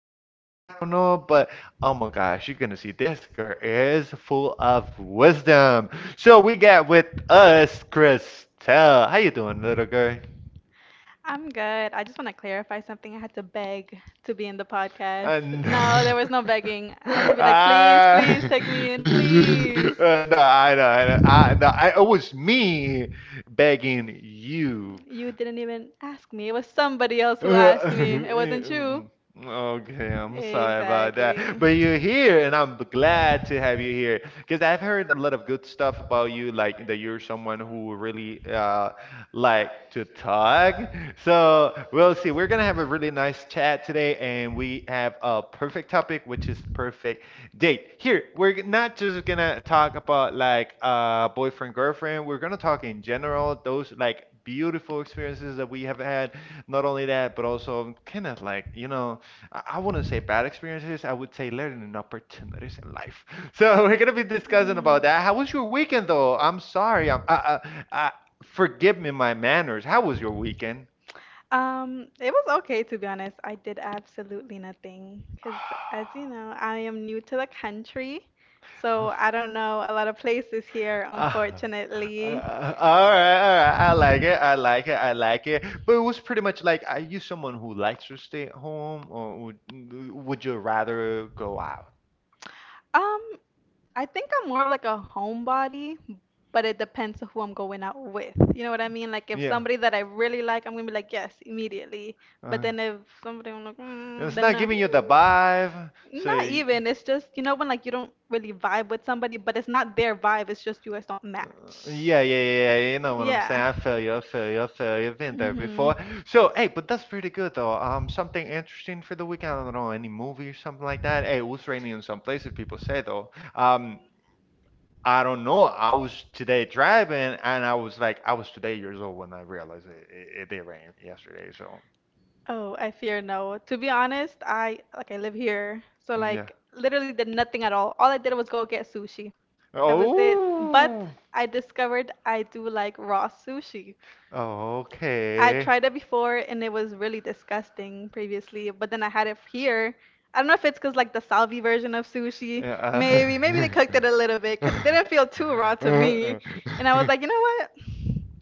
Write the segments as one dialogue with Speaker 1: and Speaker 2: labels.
Speaker 1: know what? I don't know, but oh my gosh, you're gonna see this girl is full of wisdom. So we got with us Christelle. How you doing, little girl?
Speaker 2: I'm good. I just want to clarify something. I had to beg to be in the podcast.
Speaker 1: And
Speaker 2: No, there was no begging. I had to be like, please,
Speaker 1: ah,
Speaker 2: please take me in, please.
Speaker 1: No, I know, I know, I no, I, it was me begging you.
Speaker 2: You didn't even ask me. It was somebody else who asked me. It wasn't you.
Speaker 1: Okay, I'm sorry about
Speaker 2: Exactly.
Speaker 1: that. But you're here, and I'm glad to have you here because I've heard a lot of good stuff about you, like that you're someone who really like to talk. So we'll see. We're gonna have a really nice chat today, and we have a perfect topic, which is perfect date. Here, not just gonna talk about like boyfriend, girlfriend. We're gonna talk in general, those like beautiful experiences that we have had not only that, but also kind of like, I wouldn't say bad experiences, I would say learning opportunities in life. So we're gonna be discussing about that. How was
Speaker 2: Mm.
Speaker 1: your weekend, though? I'm sorry. I'm, I, forgive me my manners. How was your weekend?
Speaker 2: It was okay, to be honest. I did absolutely nothing because, as you know, I am new to the country, so I don't know a lot of places here,
Speaker 1: Ah,
Speaker 2: unfortunately.
Speaker 1: all right, all right. I like it. I like it. I like it. But it was pretty much like, are you someone who likes to stay at home, or would you rather go out?
Speaker 2: Um, I think I'm more of like a homebody, but it depends on who I'm going out with. You know what I mean? Like if
Speaker 1: Yeah.
Speaker 2: somebody that I really like, I'm gonna be like yes immediately. But
Speaker 1: Uh,
Speaker 2: then if somebody I'm like mm,
Speaker 1: it's
Speaker 2: then
Speaker 1: not
Speaker 2: no.
Speaker 1: giving you the vibe. So,
Speaker 2: Not even. It's just when like you don't really vibe with somebody, but it's not their vibe. It's just you guys don't match.
Speaker 1: yeah, yeah, yeah, yeah. You know what I'm saying?
Speaker 2: Yeah.
Speaker 1: I feel you. I feel you. I feel you. I've been there
Speaker 2: Mhm.
Speaker 1: before. So, hey, but that's pretty good though. Something interesting for the weekend. I don't know any movie or something like that. Hey, it was raining in some places. People say though. I don't know. I was today driving, and I was like, I was today years old when I realized it. It did rain yesterday. So,
Speaker 2: Oh, I fear no. To be honest, I like I live here, so
Speaker 1: yeah.
Speaker 2: like literally did nothing at all. All I did was go get sushi. That was it. But
Speaker 1: Oh.
Speaker 2: I discovered I do like raw sushi.
Speaker 1: Oh,
Speaker 2: I
Speaker 1: okay.
Speaker 2: tried it before and it was really disgusting previously, but then I had it here. I don't know if it's 'cause like the salvi version of sushi,
Speaker 1: Yeah,
Speaker 2: maybe they cooked it a little bit
Speaker 1: uh,
Speaker 2: 'cause it didn't feel too raw to me. And I was like, you know what?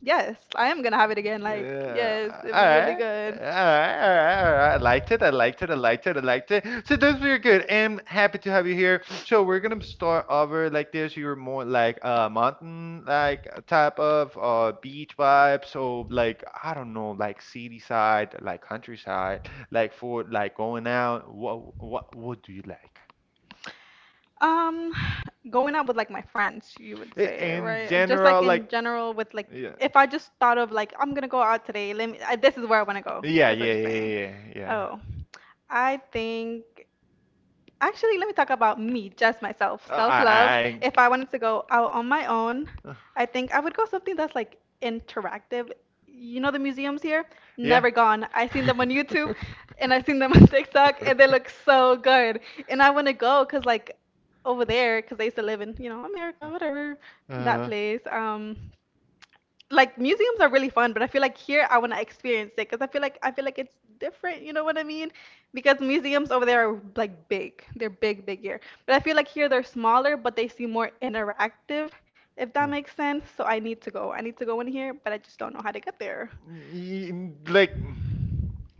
Speaker 2: Yes, I am gonna have it again. Like,
Speaker 1: yeah,
Speaker 2: yes, it was really
Speaker 1: alright.
Speaker 2: good.
Speaker 1: Alright, alright, alright. I liked it. I liked it. I liked it. I liked it. So those were good. I'm happy to have you here. So we're gonna start over like this. You're more like mountain like type of beach vibe. So like I don't know, like city side, like countryside, like for like going out. What do you like?
Speaker 2: Um, Going out with like my friends, you would say,
Speaker 1: In
Speaker 2: right? Just
Speaker 1: general,
Speaker 2: like
Speaker 1: like
Speaker 2: in general, with like,
Speaker 1: yeah.
Speaker 2: if I just thought of like, I'm gonna go out today. Let me. This is where I wanna go.
Speaker 1: Yeah,
Speaker 2: Is what
Speaker 1: yeah,
Speaker 2: you're
Speaker 1: yeah,
Speaker 2: saying?
Speaker 1: yeah, yeah, yeah.
Speaker 2: Oh, I think actually, let me talk about me, just myself.
Speaker 1: Uh, I,
Speaker 2: Self-love.
Speaker 1: I,
Speaker 2: If I wanted to go out on my own,
Speaker 1: I, uh,
Speaker 2: I think I would go something that's like interactive. You know the museums here?
Speaker 1: yeah.
Speaker 2: Never gone. I seen them on YouTube and I seen them on TikTok and they look so good. And I want to go, cause like over there, cause I used to live in, you know, America, whatever,
Speaker 1: Uh,
Speaker 2: that
Speaker 1: uh.
Speaker 2: place. Like museums are really fun, but I feel like here I want to experience it because I feel like it's different. You know what I mean? Because museums over there are like big. They're big, big here. But I feel like here they're smaller, but they seem more interactive, if that makes sense. So I need to go. I need to go in here, but I just don't know how to get there.
Speaker 1: y- like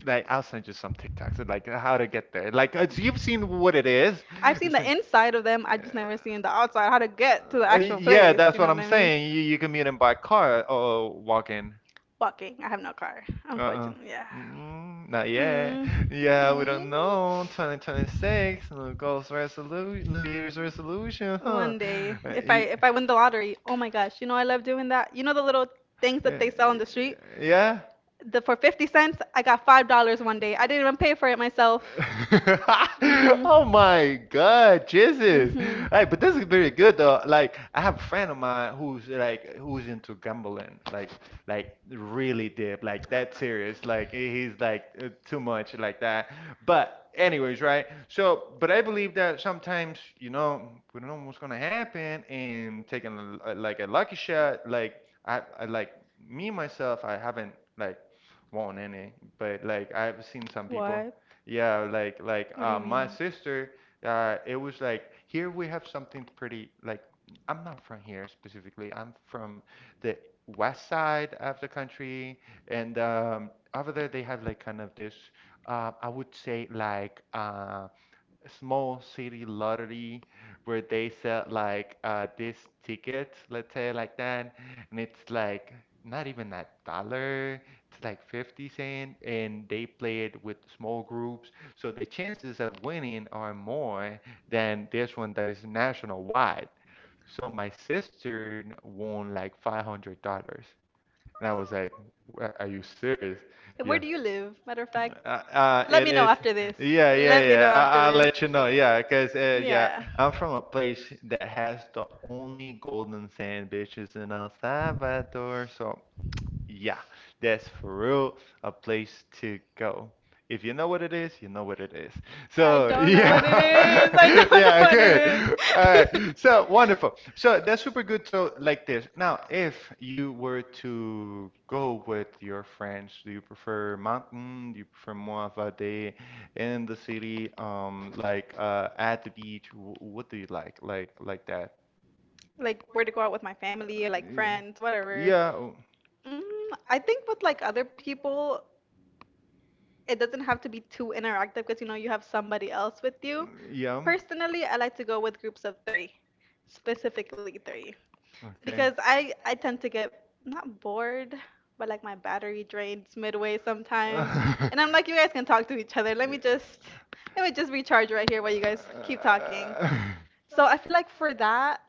Speaker 1: like I'll send you some TikToks of, like how to get there. You've seen what it is.
Speaker 2: I've seen
Speaker 1: It's-
Speaker 2: the inside of them. I just never seen the outside, how to get to the actual
Speaker 1: Yeah,
Speaker 2: place.
Speaker 1: that's
Speaker 2: You know
Speaker 1: what
Speaker 2: what
Speaker 1: I'm
Speaker 2: I mean?
Speaker 1: saying. You can meet him by car or walk in.
Speaker 2: Walking. I have no car,
Speaker 1: Uh-uh.
Speaker 2: unfortunately. Yeah.
Speaker 1: Mm, not yet.
Speaker 2: Mm.
Speaker 1: Yeah, we
Speaker 2: Mm.
Speaker 1: don't know. 2026, new goals resolution, New Year's resolution, huh?
Speaker 2: One day,
Speaker 1: Uh,
Speaker 2: if I if
Speaker 1: y-
Speaker 2: I win the lottery, oh my gosh, you know I love doing that. You know the little things that
Speaker 1: Yeah,
Speaker 2: they sell on the street?
Speaker 1: yeah,
Speaker 2: The for 50 cents, I got $5 one day. I didn't even pay for it myself. Mhm.
Speaker 1: oh my God, Jesus!
Speaker 2: Mhm.
Speaker 1: Hey, but this is very good though. Like, I have a friend of mine who's into gambling, like really deep, like that serious. Like he's like too much like that. But anyways, right? So, but I believe that sometimes we don't know what's gonna happen, and taking like a lucky shot, like I like me myself, I haven't like won't any, but like I've seen some people.
Speaker 2: What?
Speaker 1: Yeah,
Speaker 2: What do you mean?
Speaker 1: my sister, it was like here we have something pretty like I'm not from here specifically. I'm from the west side of the country, and over there they have like kind of this, I would say like. Small city lottery where they sell like this ticket, let's say like that, and it's like not even a dollar, it's like 50¢, and they play it with small groups. So the chances of winning are more than this one that is national wide. So my sister won like $500. And I was like, Are you serious?"
Speaker 2: And where
Speaker 1: Yeah.
Speaker 2: do you live? Matter of fact, let
Speaker 1: It
Speaker 2: me know
Speaker 1: is.
Speaker 2: after this.
Speaker 1: Yeah, yeah,
Speaker 2: Let me
Speaker 1: yeah.
Speaker 2: know after
Speaker 1: I'll
Speaker 2: this.
Speaker 1: let you know. Yeah, because, yeah,
Speaker 2: Yeah.
Speaker 1: I'm from a place that has the only golden sand beaches in El Salvador. So yeah, that's for real a place to go. If you know what it is, you know what it is. So, yeah.
Speaker 2: I don't know
Speaker 1: Yeah,
Speaker 2: what
Speaker 1: good.
Speaker 2: it
Speaker 1: All right. So, wonderful. So, that's super good. So, like this. Now, if you were to go with your friends, do you prefer mountain? Do you prefer
Speaker 2: is.
Speaker 1: more of a day in the city, like at the beach? What do you like? Like that?
Speaker 2: Like where to go out with my family or like
Speaker 1: Yeah.
Speaker 2: friends, whatever.
Speaker 1: Yeah. Oh.
Speaker 2: Mm, I think with like other people, it doesn't have to be too interactive because you know you have somebody else with you.
Speaker 1: Yeah.
Speaker 2: Personally, I like to go with groups of three, specifically three
Speaker 1: Okay.
Speaker 2: because I tend to get not bored, but like my battery drains midway sometimes,
Speaker 1: Uh,
Speaker 2: and I'm like, you guys can talk to each other. Let me just recharge right here while you guys keep talking. So I feel like for that,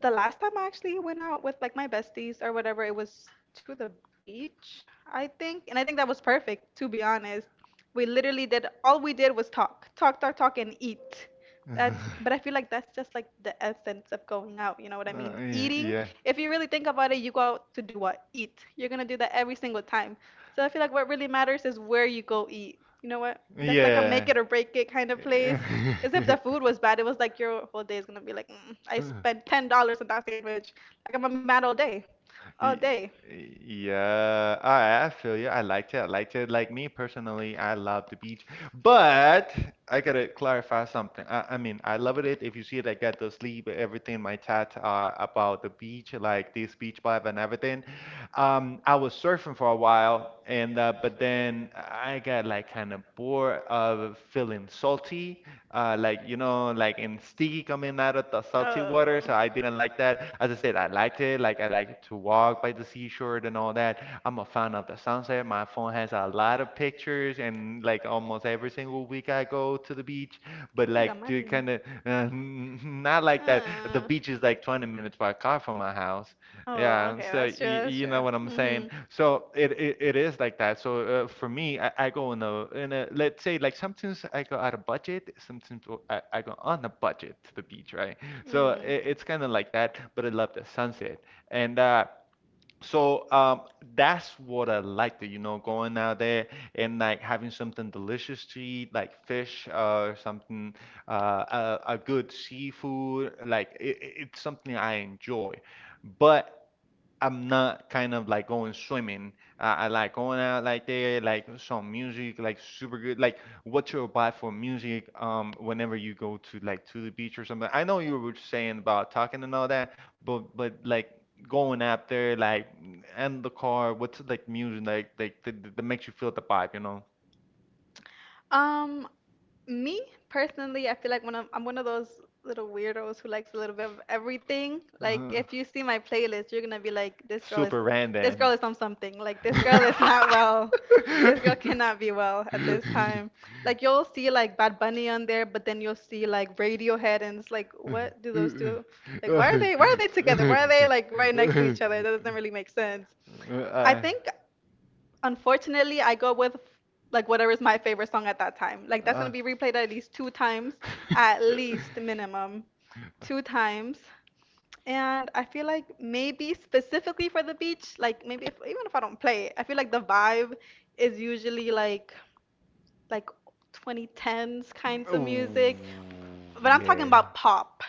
Speaker 2: the last time I actually went out with like my besties or whatever, it was to the beach, I think, and I think that was perfect. To be honest, we literally did all we did was talk, talk, talk, talk, and eat. But I feel like that's just like the essence of going out, you know what I mean? Eating,
Speaker 1: yeah.
Speaker 2: if you really think about it, you go out to do what? Eat. You're gonna do that every single time. So I feel like what really matters is where you go eat. You know what? That's like a make it or break it kind of place. Because if the food was bad, it was like your whole day is gonna be like, mm, I
Speaker 1: Yeah.
Speaker 2: spent $10 on that sandwich. Like I'm gonna be mad all day. All
Speaker 1: Y-
Speaker 2: day.
Speaker 1: Yeah, I feel you. I liked it. I liked it. Like me personally, I love the beach, but I gotta clarify something. I mean, I love it if you see it. I got to sleep, everything, my chat about the beach, like this beach vibe and everything. I was surfing for a while, and but then I got like kind of bored of feeling salty, like like in steam sticky coming out of the salty water,
Speaker 2: Oh.
Speaker 1: so I didn't like that. As I said, I liked it. Like I like to walk by the seashore and all that. I'm a fan of the sunset. My phone has a lot of pictures, and like almost every single week I go to the beach. But like to kind of not like that. The beach is like 20 minutes by car from my house, yeah, so you know what I'm saying. So it is like that. So for me, I go in a let's say like sometimes I go out of budget, sometimes I go on a budget to the beach, right? So it's kind of like that, but I love the sunset. And so that's what I like to, going out there and like having something delicious to eat, like fish or something, a good seafood. Like it's something I enjoy, but. I'm not kind of like going swimming. I like going out like there, like some music, like super good. Like what you'll buy for music, whenever you go to like to the beach or something. I know you were saying about talking and all that, but like going out there, like in the car, what's like music like that, that makes you feel the vibe, you know?
Speaker 2: Um, me personally, I feel like when I'm one of those little weirdos who likes a little bit of everything. Like
Speaker 1: Uh-huh.
Speaker 2: if you see my playlist, you're gonna be like, this girl is on something. Like this girl is not well. This girl cannot be well at this time. Like you'll see like Bad Bunny on there, but then you'll see like Radiohead, and it's like, what do those
Speaker 1: Uh,
Speaker 2: two? Like why are
Speaker 1: uh.
Speaker 2: they? Why are they together? Why are they like right next to each other? That doesn't really make sense. I think. Unfortunately, I go with like whatever is my favorite song at that time. Like that's gonna be replayed at least two times, at least minimum, two times. And I feel like maybe specifically for the beach, like maybe if, even if I don't play it, I feel like the vibe is usually like like 2010s kinds of music, but I'm talking about pop,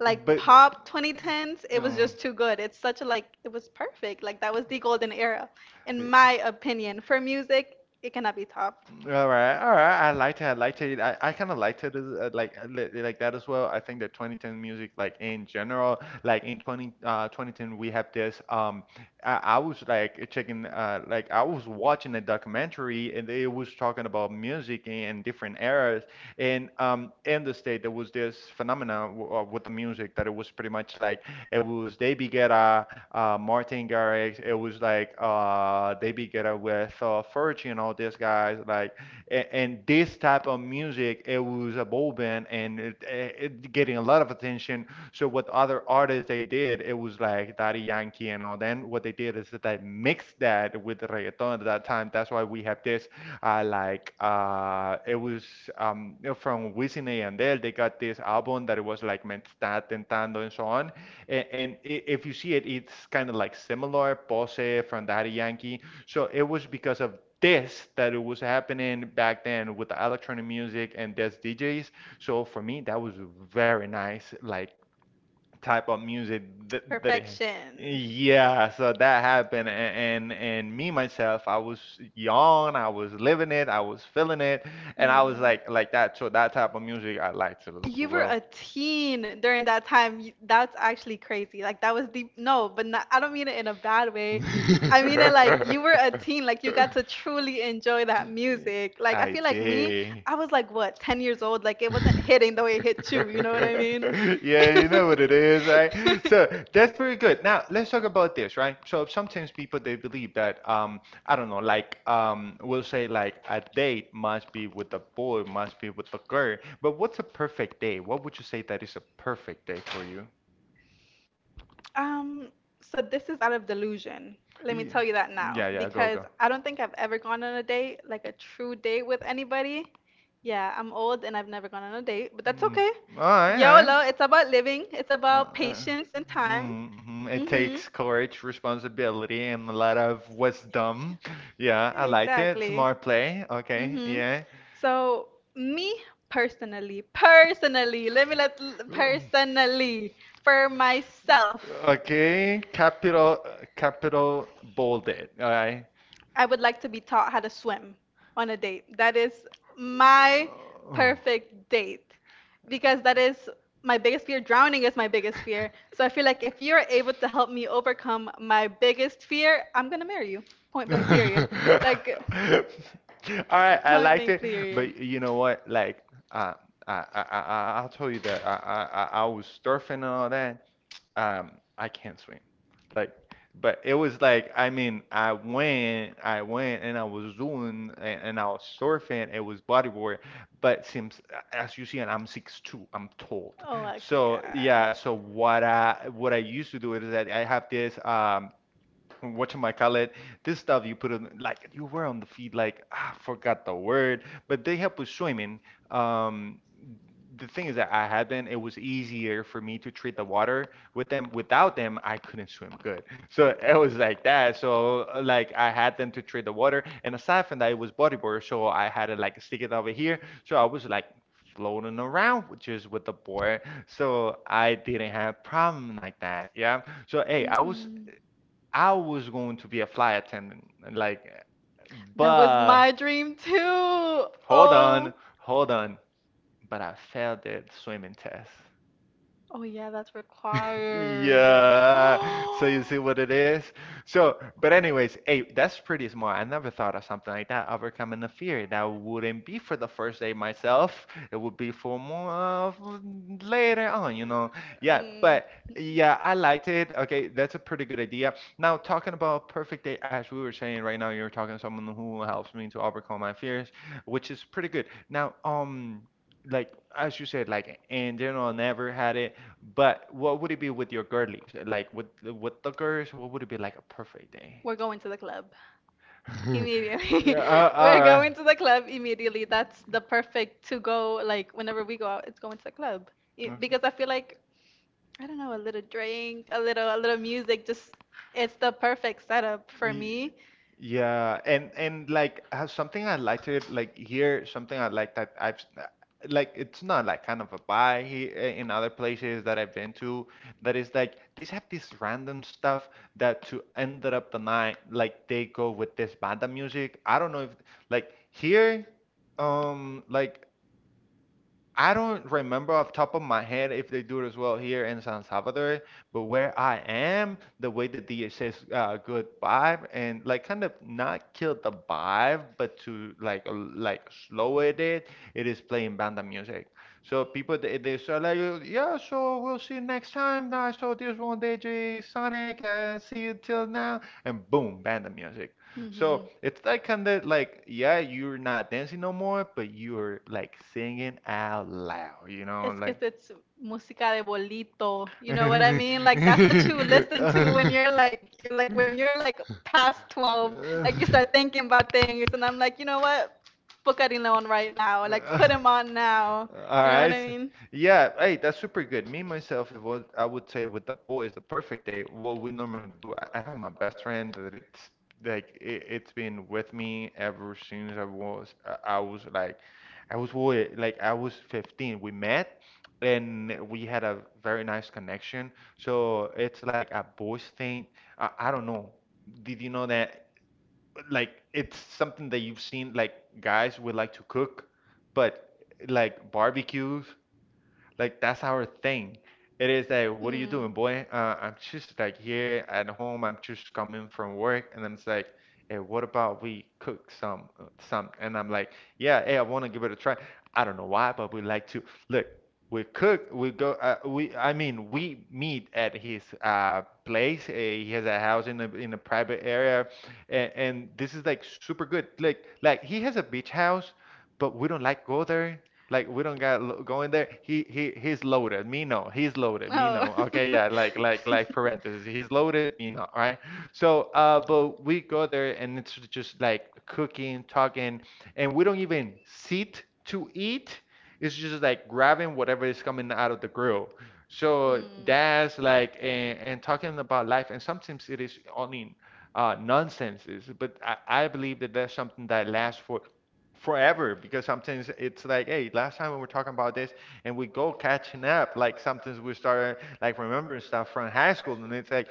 Speaker 2: like pop 2010s. It was just too good. It's such a like it was perfect. Like that was the golden era in my opinion for music. It cannot be topped.
Speaker 1: All right, all right. I liked it. I liked it. I kind of liked it as, like that as well. I think that 2010 music, like in general, like in 20 2010, we have this. I was like checking like I was watching a documentary, and it was talking about music in different eras, and in the state there was this phenomena w with the music that it was pretty much like it was they beget a Martin Garrix. It was like they together with Fergie and all these guys. Like, and this type of music, it was a bobbing, and it getting a lot of attention. So what other artists they did, it was like Daddy Yankee and all. Then what they did is that they mixed that with the reggaeton at that time. That's why we have this it was from Wisin and Yandel. They got this album that it was like Me está tentando and so on. And if you see it, it's kind of like similar, Pose from Daddy Yankee. So it was because of this that it was happening back then with the electronic music and this DJs. So for me, that was very nice. Like type of music that,
Speaker 2: Perfection.
Speaker 1: yeah, so that happened. And me myself, I was young, I was living it, I was feeling it, and
Speaker 2: Mhm.
Speaker 1: I was like that. So that type of music I liked it
Speaker 2: Liked.
Speaker 1: as
Speaker 2: You were
Speaker 1: well.
Speaker 2: a teen during that time. You- That's actually crazy. Like that was deep. No, but not, I don't mean it in a bad way. I mean it like you were a teen. Like you got to truly enjoy that music. Like I
Speaker 1: I
Speaker 2: feel like me,
Speaker 1: did.
Speaker 2: I was like, what, 10 years old? Like, it wasn't hitting the way it hit you, you know what I mean?
Speaker 1: Yeah, you know what it is, right? So that's very good. Now let's talk about this, right? So sometimes people they believe that I don't know, like we'll say like a date must be with the boy, must be with the girl. But what's a perfect day? What would you say that is a perfect day for you?
Speaker 2: Um, so this is out of delusion. Let me
Speaker 1: Ye-
Speaker 2: tell you that now
Speaker 1: Yeah, yeah, go
Speaker 2: because
Speaker 1: go.
Speaker 2: I don't think I've ever gone on a date, like a true date with anybody. Yeah, I'm old and I've never gone on a date, but that's
Speaker 1: Mm.
Speaker 2: okay.
Speaker 1: All right, all right.
Speaker 2: YOLO, it's about living, it's
Speaker 1: Uh,
Speaker 2: about
Speaker 1: uh,
Speaker 2: patience and time.
Speaker 1: mm-hmm. It
Speaker 2: Mhm.
Speaker 1: takes courage, responsibility, and a lot of wisdom. Yeah, I liked it.
Speaker 2: Exactly.
Speaker 1: Smart play. Okay,
Speaker 2: Mm-hmm.
Speaker 1: yeah.
Speaker 2: So me personally, personally, let me let personally for myself,
Speaker 1: Okay, capital, capital bolded. All right.
Speaker 2: I would like to be taught how to swim on a date. That is my perfect date because that is my biggest fear. Drowning is my biggest fear. So I feel like if you're able to help me overcome my biggest
Speaker 1: Oh.
Speaker 2: fear, I'm gonna marry you. Point
Speaker 1: All
Speaker 2: blank, period. Like,
Speaker 1: right, I
Speaker 2: point
Speaker 1: liked
Speaker 2: blank,
Speaker 1: it,
Speaker 2: period.
Speaker 1: but you know what? Like, uh, I, I, I, will tell you that I was surfing and all that. I can't swim. Like, but it was like, I mean, I went, and I was doing, and I was surfing. It was bodyboard, but since, as you see, and I'm six 2, I'm tall.
Speaker 2: Oh, actually,
Speaker 1: So
Speaker 2: yeah.
Speaker 1: yeah, so what I used to do is that I have this. What you call this stuff you put on like you were on the feed like I forgot the word, but they help with swimming. Um, the thing is that I had been, it was easier for me to treat the water with them. Without them, I couldn't swim good. So it was like that. So like I had them to treat the water, and aside from that, it was bodyboard. So I had to like stick it over here. So I was like floating around, which is with the board. So I didn't have problem like that. Yeah, so hey, i was
Speaker 2: Mm.
Speaker 1: I was going to be a flight attendant, like,
Speaker 2: That was
Speaker 1: but
Speaker 2: my dream too.
Speaker 1: hold on,
Speaker 2: Oh.
Speaker 1: hold on. But I failed the swimming test.
Speaker 2: Oh yeah, that's required.
Speaker 1: Yeah.
Speaker 2: Yeah.
Speaker 1: So you see what it is? So, but anyways, hey, that's pretty smart. I never thought of something like that, overcoming the fear. That wouldn't be for the first day myself. It would be for more of later on.
Speaker 2: Yeah.
Speaker 1: Yeah, but
Speaker 2: Mm.
Speaker 1: yeah, I liked it. Okay, that's a pretty good idea. Now, talking about perfect day, as we were saying right now, you're talking to someone who helps me to overcome my fears, which is pretty good. Now, like as you said, like in general, I never had it. But what would it be with your girlies? Like with the girls, what would it be like a perfect day?
Speaker 2: We're going to the club
Speaker 1: Yeah,
Speaker 2: immediately.
Speaker 1: all
Speaker 2: We're
Speaker 1: right.
Speaker 2: going to the club immediately. That's the perfect to go, like whenever we go out, it's going to the club. Y- Because I feel like, I don't know, a little drink, a little music, just it's the
Speaker 1: Uh,
Speaker 2: perfect setup for
Speaker 1: Y-
Speaker 2: me.
Speaker 1: Yeah, and like something I liked it like here, something I like that I've like it's not like kind of a buy in other places that I've been to that is like these have this random stuff that to end up the night like they go with this banda music. I don't know if like here like I don't remember off top of my head if they do it as well here in San Salvador, but where I am, the way the DJ says good vibe and like kind of not kill the vibe, but to like slow it is playing banda music. So people they say like yeah, so we'll see you next time. I saw this one DJ Sonic and see you till now, and boom, banda music. So
Speaker 2: Hmm.
Speaker 1: it's like kind of like, yeah, you're not dancing no more, but you're like singing out loud, you know,
Speaker 2: It's
Speaker 1: like.
Speaker 2: because it's música de bolito. You know what I mean? Like that's what you listen to when you're like when you're like past 12, like you start thinking about things and I'm like, "You know what? Put Carino on right now. Like put
Speaker 1: Uh,
Speaker 2: him on now."
Speaker 1: All
Speaker 2: You know what I
Speaker 1: right.
Speaker 2: mean?
Speaker 1: Yeah, hey, that's super good. Me myself, it was I would say with the boys, the perfect day, what we normally do, I have my best friend that it's like it's been with me ever since I was like I was wa- like I was 15. We met and we had a very nice connection. So it's like a boys thing. I don't know. Did you know that like it's something that you've seen like guys would like to cook, but like barbecues, like that's our thing. It is like, what are you
Speaker 2: Mm.
Speaker 1: doing, boy? I'm just like here at home. I'm just coming from work, and I'm just like, hey, what about we cook some? And I'm like, yeah, hey, I want to give it a try. I don't know why, but we like to look. We cook, we go, I mean, we meet at his place. He has a house in a private area, and this is like super good. Like he has a beach house, but we don't like go there. Like we don't got go in there. He's loaded. Me no. He's loaded. Me
Speaker 2: Oh.
Speaker 1: no. Okay, yeah. Like parentheses. He's loaded. Me no. Right. So but we go there and it's just like cooking, talking, and we don't even sit to eat. It's just like grabbing whatever is coming out of the grill. So that's like and talking about life, and sometimes it is only nonsenses. But I believe that that's something that lasts for forever, because sometimes it's like hey, last time we were talking about this and we go catching up, like sometimes we start like remembering stuff from high school, and it's like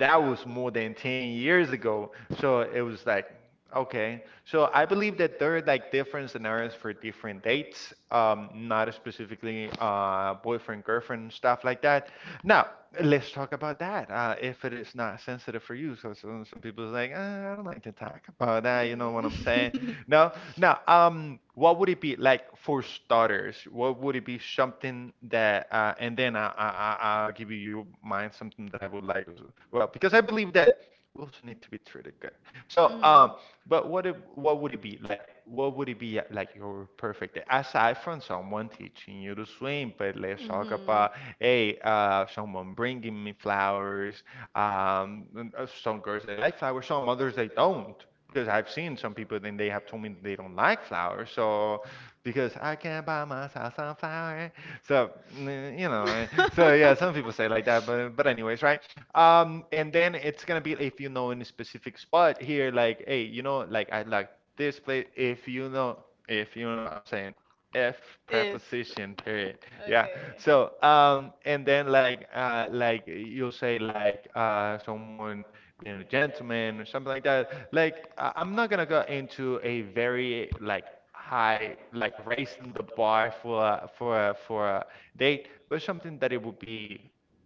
Speaker 1: that was more than 10 years ago. So it was like okay. So I believe that there are like different scenarios for different dates, not specifically boyfriend, girlfriend, stuff like that. Now, let's talk about that. If it is not sensitive for you, so some people are like, I don't like to talk about that. You know what I'm saying?"
Speaker 2: Mm.
Speaker 1: No. Now, what would it be like for starters? What would it be something and then I'll give you mine, something that I would like as well, because I believe that we also need to be treated good. So, but what would it be like? What would it be like your perfect day aside from someone teaching you to swim? But let's talk about hey, someone bringing me flowers. And, some girls they like flowers, some others they don't, because I've seen some people then they have told me they don't like flowers, so because I can't buy myself some flower. So so yeah, some people say like that, but anyways, right? And then it's gonna be if you know in a specific spot here, like hey, like I like this place. If you know, I'm saying. F
Speaker 2: If.
Speaker 1: preposition period. Yeah.
Speaker 2: Okay.
Speaker 1: So and then like you'll say like someone being a gentleman or something like that. Like I'm not gonna go into a very like high like raising the bar for a date, but something that it would be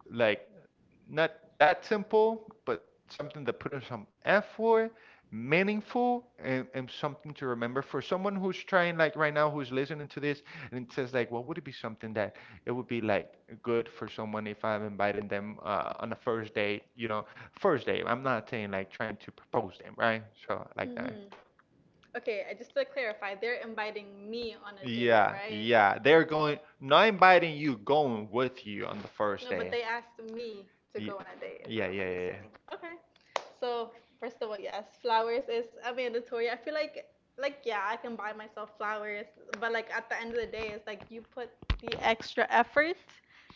Speaker 1: like not that simple, but something that put in some effort meaningful and something to remember for someone who's trying like right now who's listening to this and says like what would it be something that it would be like good for someone if I'm inviting them on a first date, first date. I'm not saying like trying to propose them, right, so like that.
Speaker 2: Mm-hmm. Okay, I just to clarify, they're inviting me on a date,
Speaker 1: Yeah,
Speaker 2: right?
Speaker 1: yeah, they're going not inviting you, going with you on the first
Speaker 2: No, but
Speaker 1: day.
Speaker 2: they asked me to
Speaker 1: Ye-
Speaker 2: go on a date, is yeah,
Speaker 1: yeah, yeah,
Speaker 2: what I'm
Speaker 1: yeah, yeah.
Speaker 2: understanding. Okay. So, first of all, yes, flowers is a mandatory. I feel like, yeah, I can buy myself flowers, but like at the end of the day, it's like you put the extra effort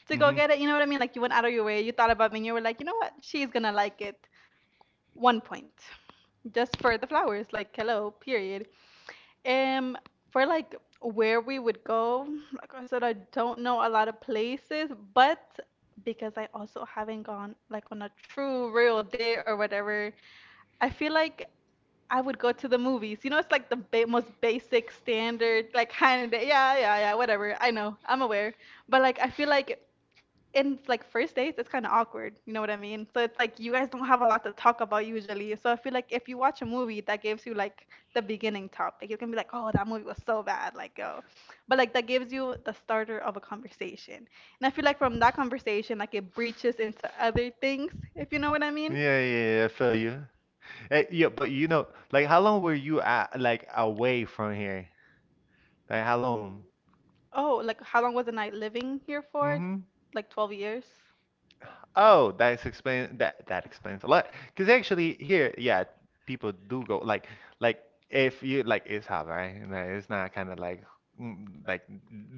Speaker 2: to go
Speaker 1: Hmm.
Speaker 2: get it. You know what I mean? Like, you went out of your way, you thought about me, and you were like, you know what? She's gonna like it. One point. Just for the flowers, like, hello, period. Um, for like where we would go, like I said, I don't know a lot of places, but because I also haven't gone like on a true real day or whatever, I feel like I would go to the movies. You know, it's like the ba most basic standard, like kind of day. Yeah, yeah, yeah, whatever. I know, I'm aware, but like I feel like in like first dates, it's kind of awkward. You know what I mean? So it's like you guys don't have a lot to talk about usually. So I feel like if you watch a movie, that gives you like the beginning topic. You can be like, oh, that movie was so bad, like yo, but like that gives you the starter of a conversation. And I feel like from that conversation, like it breaches into other things,
Speaker 1: Yeah,
Speaker 2: if you know what I mean.
Speaker 1: yeah, yeah, I feel you. Hey, yeah, but how long were you at, like away from here? Like, how long?
Speaker 2: Oh, like how long was the night living here for?
Speaker 1: Mm-hmm.
Speaker 2: Like 12 years?
Speaker 1: Oh, that explains a lot. Because actually here, yeah, people do go like like if you like it's hot, right? And, it's not kind of like like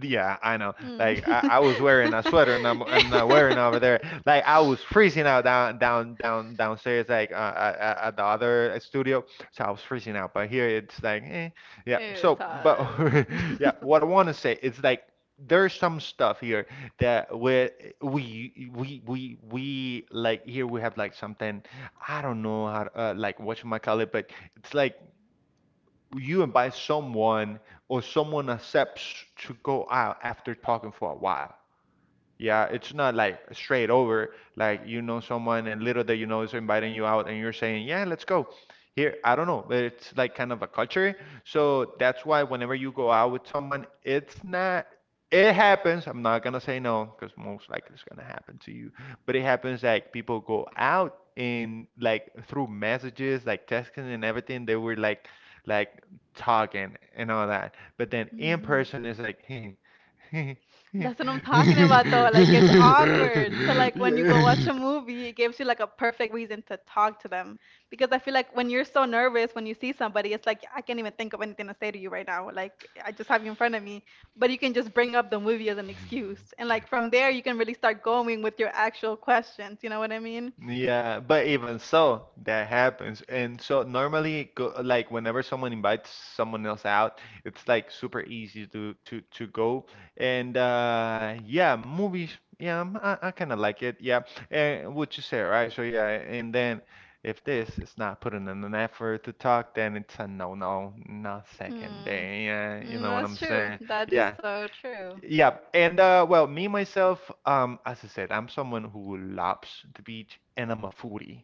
Speaker 1: yeah, I know.
Speaker 2: Mm.
Speaker 1: Like I was wearing a sweater and I'm I not wearing over there. Like I was freezing out downstairs, like at the other studio, so I was freezing out. But here it's like yeah.
Speaker 2: Eh, it's
Speaker 1: So but yeah, what I want to say is like there's some stuff here that we like here we have, like something I don't know how to, like what you might call it, but it's like you invite someone or someone accepts to go out after talking for a while. Yeah, it's not like straight over, like you know someone and little that you know is inviting you out and you're saying, "Yeah, let's go." Here, I don't know, but it's like kind of a culture. So that's why whenever you go out with someone, it's not it happens. I'm not gonna say no because most likely it's gonna happen to you, but it happens like people go out and like through messages, like texting and everything, they were like talking and all that. But then in
Speaker 2: Mhm.
Speaker 1: person is like yeah.
Speaker 2: That's what I'm talking about though. Like it's awkward. So like when you go watch a movie, it gives you like a perfect reason to talk to them. Because I feel like when you're so nervous when you see somebody, it's like I can't even think of anything to say to you right now. Like I just have you in front of me, but you can just bring up the movie as an excuse. And like from there you can really start going with your actual questions, you know what I mean?
Speaker 1: Yeah, but even so, that happens. And so normally, go, like whenever someone invites someone else out, it's like super easy to go. And yeah, movies. Yeah, I kind of like it. Yeah, and what you say, right? So yeah, and then if this is not putting in an effort to talk, then it's a no, no, not second day. Yeah, you know what I'm saying?
Speaker 2: That
Speaker 1: Yeah.
Speaker 2: so true.
Speaker 1: Yeah, and well, me myself, as I said, I'm someone who loves the beach and I'm a foodie.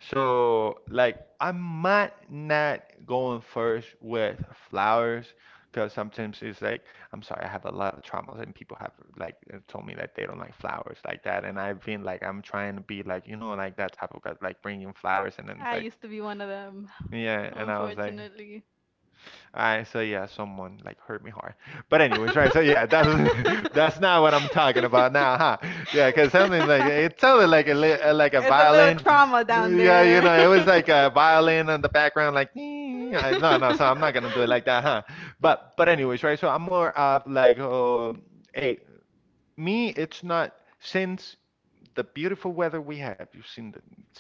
Speaker 1: So, like, I might not going first with flowers because sometimes it's like, I'm sorry, I have a lot of traumas, and people have like told me that they don't like flowers like that. And I've been like, I'm trying to be like, like that type of guy, like bringing flowers, and then it's like,
Speaker 2: To be one of them,
Speaker 1: yeah. And I was like,
Speaker 2: unfortunately.
Speaker 1: and so yeah, someone like hurt me hard. But anyways, right? So yeah, that's that's not what I'm talking about now, huh? Yeah, because something like
Speaker 2: Huh?
Speaker 1: it sounded like like a violin.
Speaker 2: Trauma.
Speaker 1: Yeah, it was like a violin in the background, like no, no. So I'm
Speaker 2: I
Speaker 1: not gonna do it like that, huh? But anyways, right? So I'm more of like, oh, hey, me, it's not since the beautiful weather we have. You've seen it's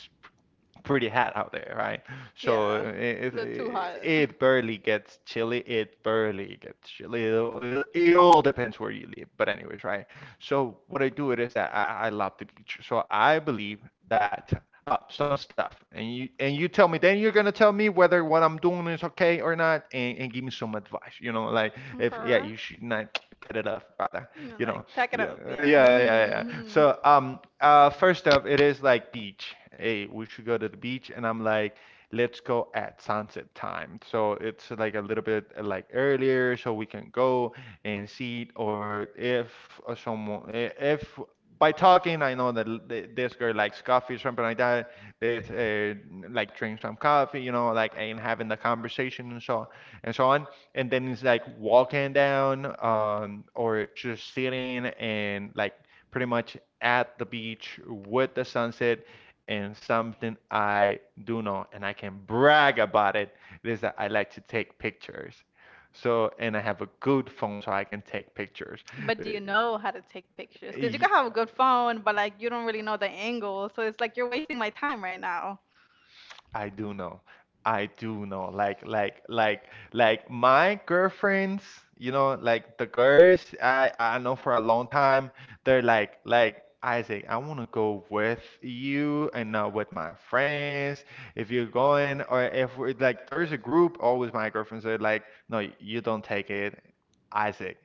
Speaker 1: pretty hot out there, right? So it barely gets chilly. It barely gets chilly. It all depends where you live. But anyways, right? So what I do it is that I love the beach. So I believe that some stuff, and you tell me, then you're gonna tell me whether what I'm doing is okay or not, and give me some advice. Like if yeah, you should not cut it off, brother.
Speaker 2: You
Speaker 1: You know,
Speaker 2: pack it up,
Speaker 1: yeah,
Speaker 2: yeah.
Speaker 1: yeah, yeah, yeah. So first off, it is like beach. Hey, we should go to the beach, and I'm like let's go at sunset time. So it's like a little bit like earlier, so we can go and see it. Or if someone, if by talking, I know that this girl likes coffee, something like that. This like drink some coffee, like and having the conversation and so on. And then it's like walking down, or just sitting and like pretty much at the beach with the sunset and something I do know and I can brag about it is that I like to take pictures. So, and I have a good phone so I can take pictures.
Speaker 2: But do you
Speaker 1: Uh,
Speaker 2: know how to take pictures? Can
Speaker 1: y-
Speaker 2: have a good phone, but like you don't really know the angle. So it's like you're wasting my time right now.
Speaker 1: I do know. I do know. Like my girlfriends, like the girls I know for a long time, they're like Isaac, I want to go with you and not with my friends. If you're going or if we're like there's a group, always my girlfriends are like, no, you don't take it, Isaac.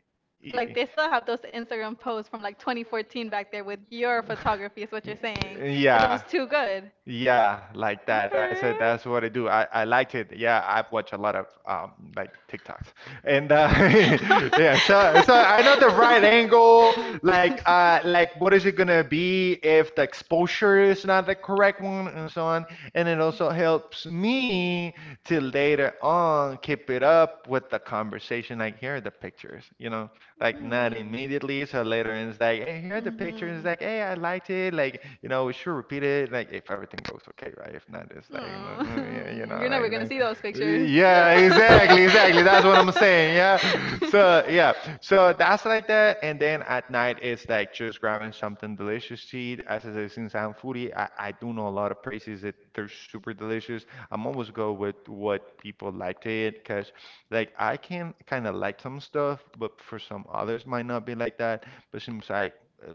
Speaker 1: y-
Speaker 2: Like they still have those Instagram posts from like 2014 back there with your photography is what you're saying, because it
Speaker 1: yeah.
Speaker 2: was too good.
Speaker 1: Yeah, like that. I
Speaker 2: Okay.
Speaker 1: said that's what I do. I liked it. Yeah, I've watched a lot of like TikToks. And yeah, so I know the right angle, like what is it gonna be if the exposure is not the correct one and so on. And it also helps me to later on keep it up with the conversation. Like here are the pictures, like not immediately. So later, and it's like, hey, here are the pictures. It's
Speaker 2: Hmm.
Speaker 1: like, hey, I liked it. Like, we
Speaker 2: Mhm.
Speaker 1: should repeat it. Like, if everything goes okay, right? If not, it's like, yeah,
Speaker 2: Oh, you're never gonna
Speaker 1: like,
Speaker 2: see
Speaker 1: like
Speaker 2: those pictures.
Speaker 1: yeah, exactly, exactly. That's what I'm saying. Yeah. So yeah, so that's like that. And then at night, it's like just grabbing something delicious to eat. As I said, since I'm foodie, I do know a lot of places that they're super delicious. I'm always go with what people like to eat because like I can kind of like some stuff, but for some others might not be like that. But seems uh,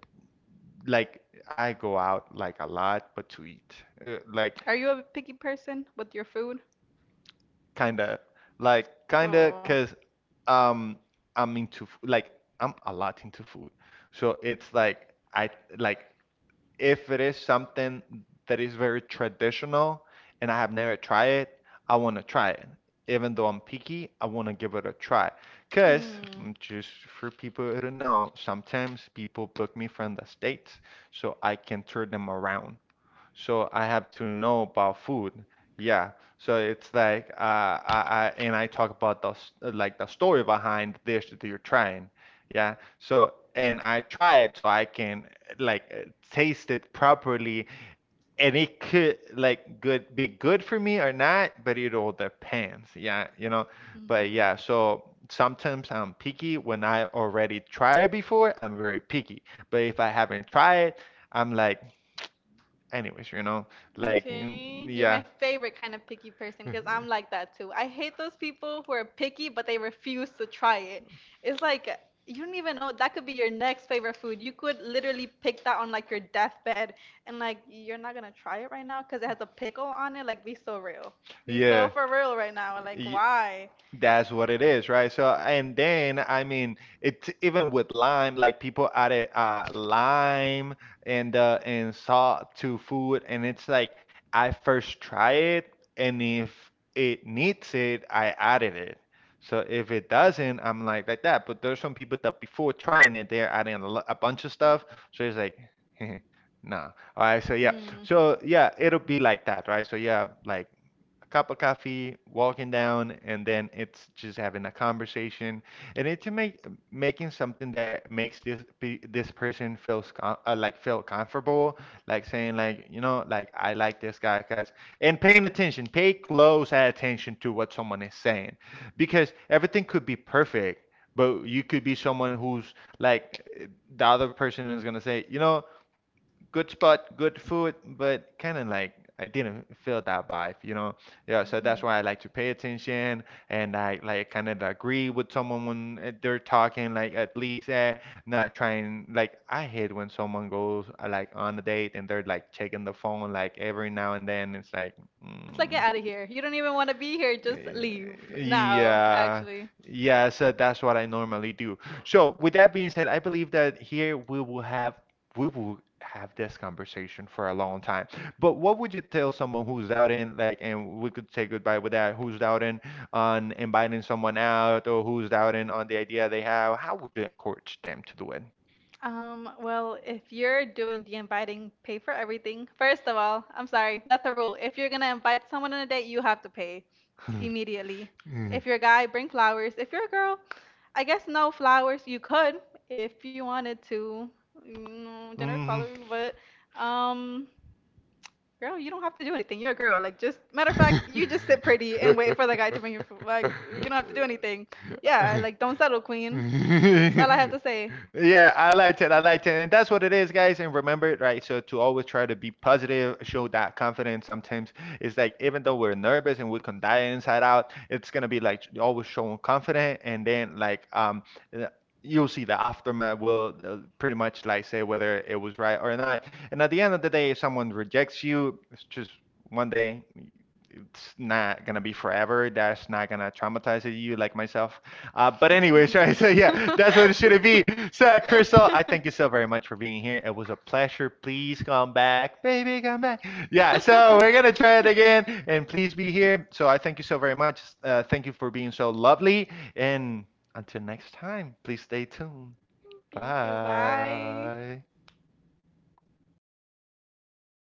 Speaker 1: like I go out like a lot, but to eat. Like
Speaker 2: Are you a picky person with your food?
Speaker 1: kind of like kind of
Speaker 2: Oh.
Speaker 1: because um I'm into like I'm a lot into food. So it's like I like if it is something that is very traditional and I have never tried it, I want to try it. Even though I'm picky, I want to give it a try. Because,
Speaker 2: Mm.
Speaker 1: just for people who don't know, sometimes people book me from the States so I can turn them around so I have to know about food. Yeah, so it's like I talk about the s- like the story behind the dish that you're trying. Yeah, so and I try it so I can like taste it properly, and it could like good be good for me or not, but it all depends. Yeah,
Speaker 2: Mhm.
Speaker 1: but yeah, so sometimes I'm picky when I already try it before. I'm very picky, but if I haven't tried it, I'm like anyways, like mm,
Speaker 2: Okay. You're
Speaker 1: yeah.
Speaker 2: my favorite kind of picky person because I'm like that too. I hate those people who are picky but they refuse to try it. It's like you don't even know that could be your next favorite food. You could literally pick that on like your deathbed and like you're not gonna try it right now because it has a pickle on it. Like be so real. Be so
Speaker 1: Yeah.
Speaker 2: for real right now. Like
Speaker 1: Y-
Speaker 2: why?
Speaker 1: That's what it is, right? So, and then I mean, it's even with lime, like people added lime and salt to food, and it's like I first try it, and if it needs it, I added it. So if it doesn't, I'm like that. But there's some people that before trying it, they're adding a bunch of stuff. So it's like, nah. All right. So
Speaker 2: Hmm.
Speaker 1: yeah.
Speaker 2: Mhm.
Speaker 1: So yeah, it'll be like that, right? So yeah, like a cup of coffee, walking down, and then it's just having a conversation, and it's to make making something that makes this person feels com like feel comfortable, like saying like like I like this guy, guys, and paying attention, pay close attention to what someone is saying, because everything could be perfect. But you could be someone who's like the other person is gonna say, good spot, good food, but kind of like I didn't feel that vibe. Yeah, so that's why I like to pay attention and I like kind of agree with someone when they're talking, like at least not trying. Like I hate when someone goes like on a date and they're like checking the phone like every now and then. It's like,
Speaker 2: It's like get
Speaker 1: mm.
Speaker 2: out of here. You don't even want to be here. Just leave now,
Speaker 1: Yeah,
Speaker 2: actually.
Speaker 1: yeah, so that's what I normally do. So, with that being said, I believe that here we will have this conversation for a long time. But what would you tell someone who's doubting, like, and we could say goodbye with that, who's doubting on inviting someone out or who's doubting on the idea they have? How would you encourage them to do it?
Speaker 2: Well, if you're doing the inviting, pay for everything. First of all, I'm sorry, that's a rule. If you're gonna invite someone on a date, you have to pay immediately. If you're a guy, bring flowers. If you're a girl, I guess no flowers. You could if you wanted to. Mm, gender
Speaker 1: Mm.
Speaker 2: equality, but um, girl, you don't have to do anything. You're a girl. Like just matter of fact, you just sit
Speaker 1: Mhm.
Speaker 2: pretty and wait for the guy to bring you. Like you don't have to do anything. Yeah, like don't settle, queen. That's all I have to say.
Speaker 1: yeah, I like it. I like it. And that's what it is, guys. And remember it, right? So to always try to be positive, show that confidence. Sometimes it's like even though we're nervous and we can die inside out, it's gonna be like always showing confident, and then uh, You'll see the aftermath will pretty much like say whether it was right or not. And at the end of the day, if someone rejects you, it's just one day it's not gonna be forever. That's not gonna traumatize you like myself. But anyways, right? So yeah, that's what it should be. So Crystal, I thank you so very much for being here. It was a pleasure. Please come back, baby, come back. Yeah. So we're gonna try it again, and please be here. So I thank you so very much. Thank you for being so lovely. And until next time, please stay tuned. Bye.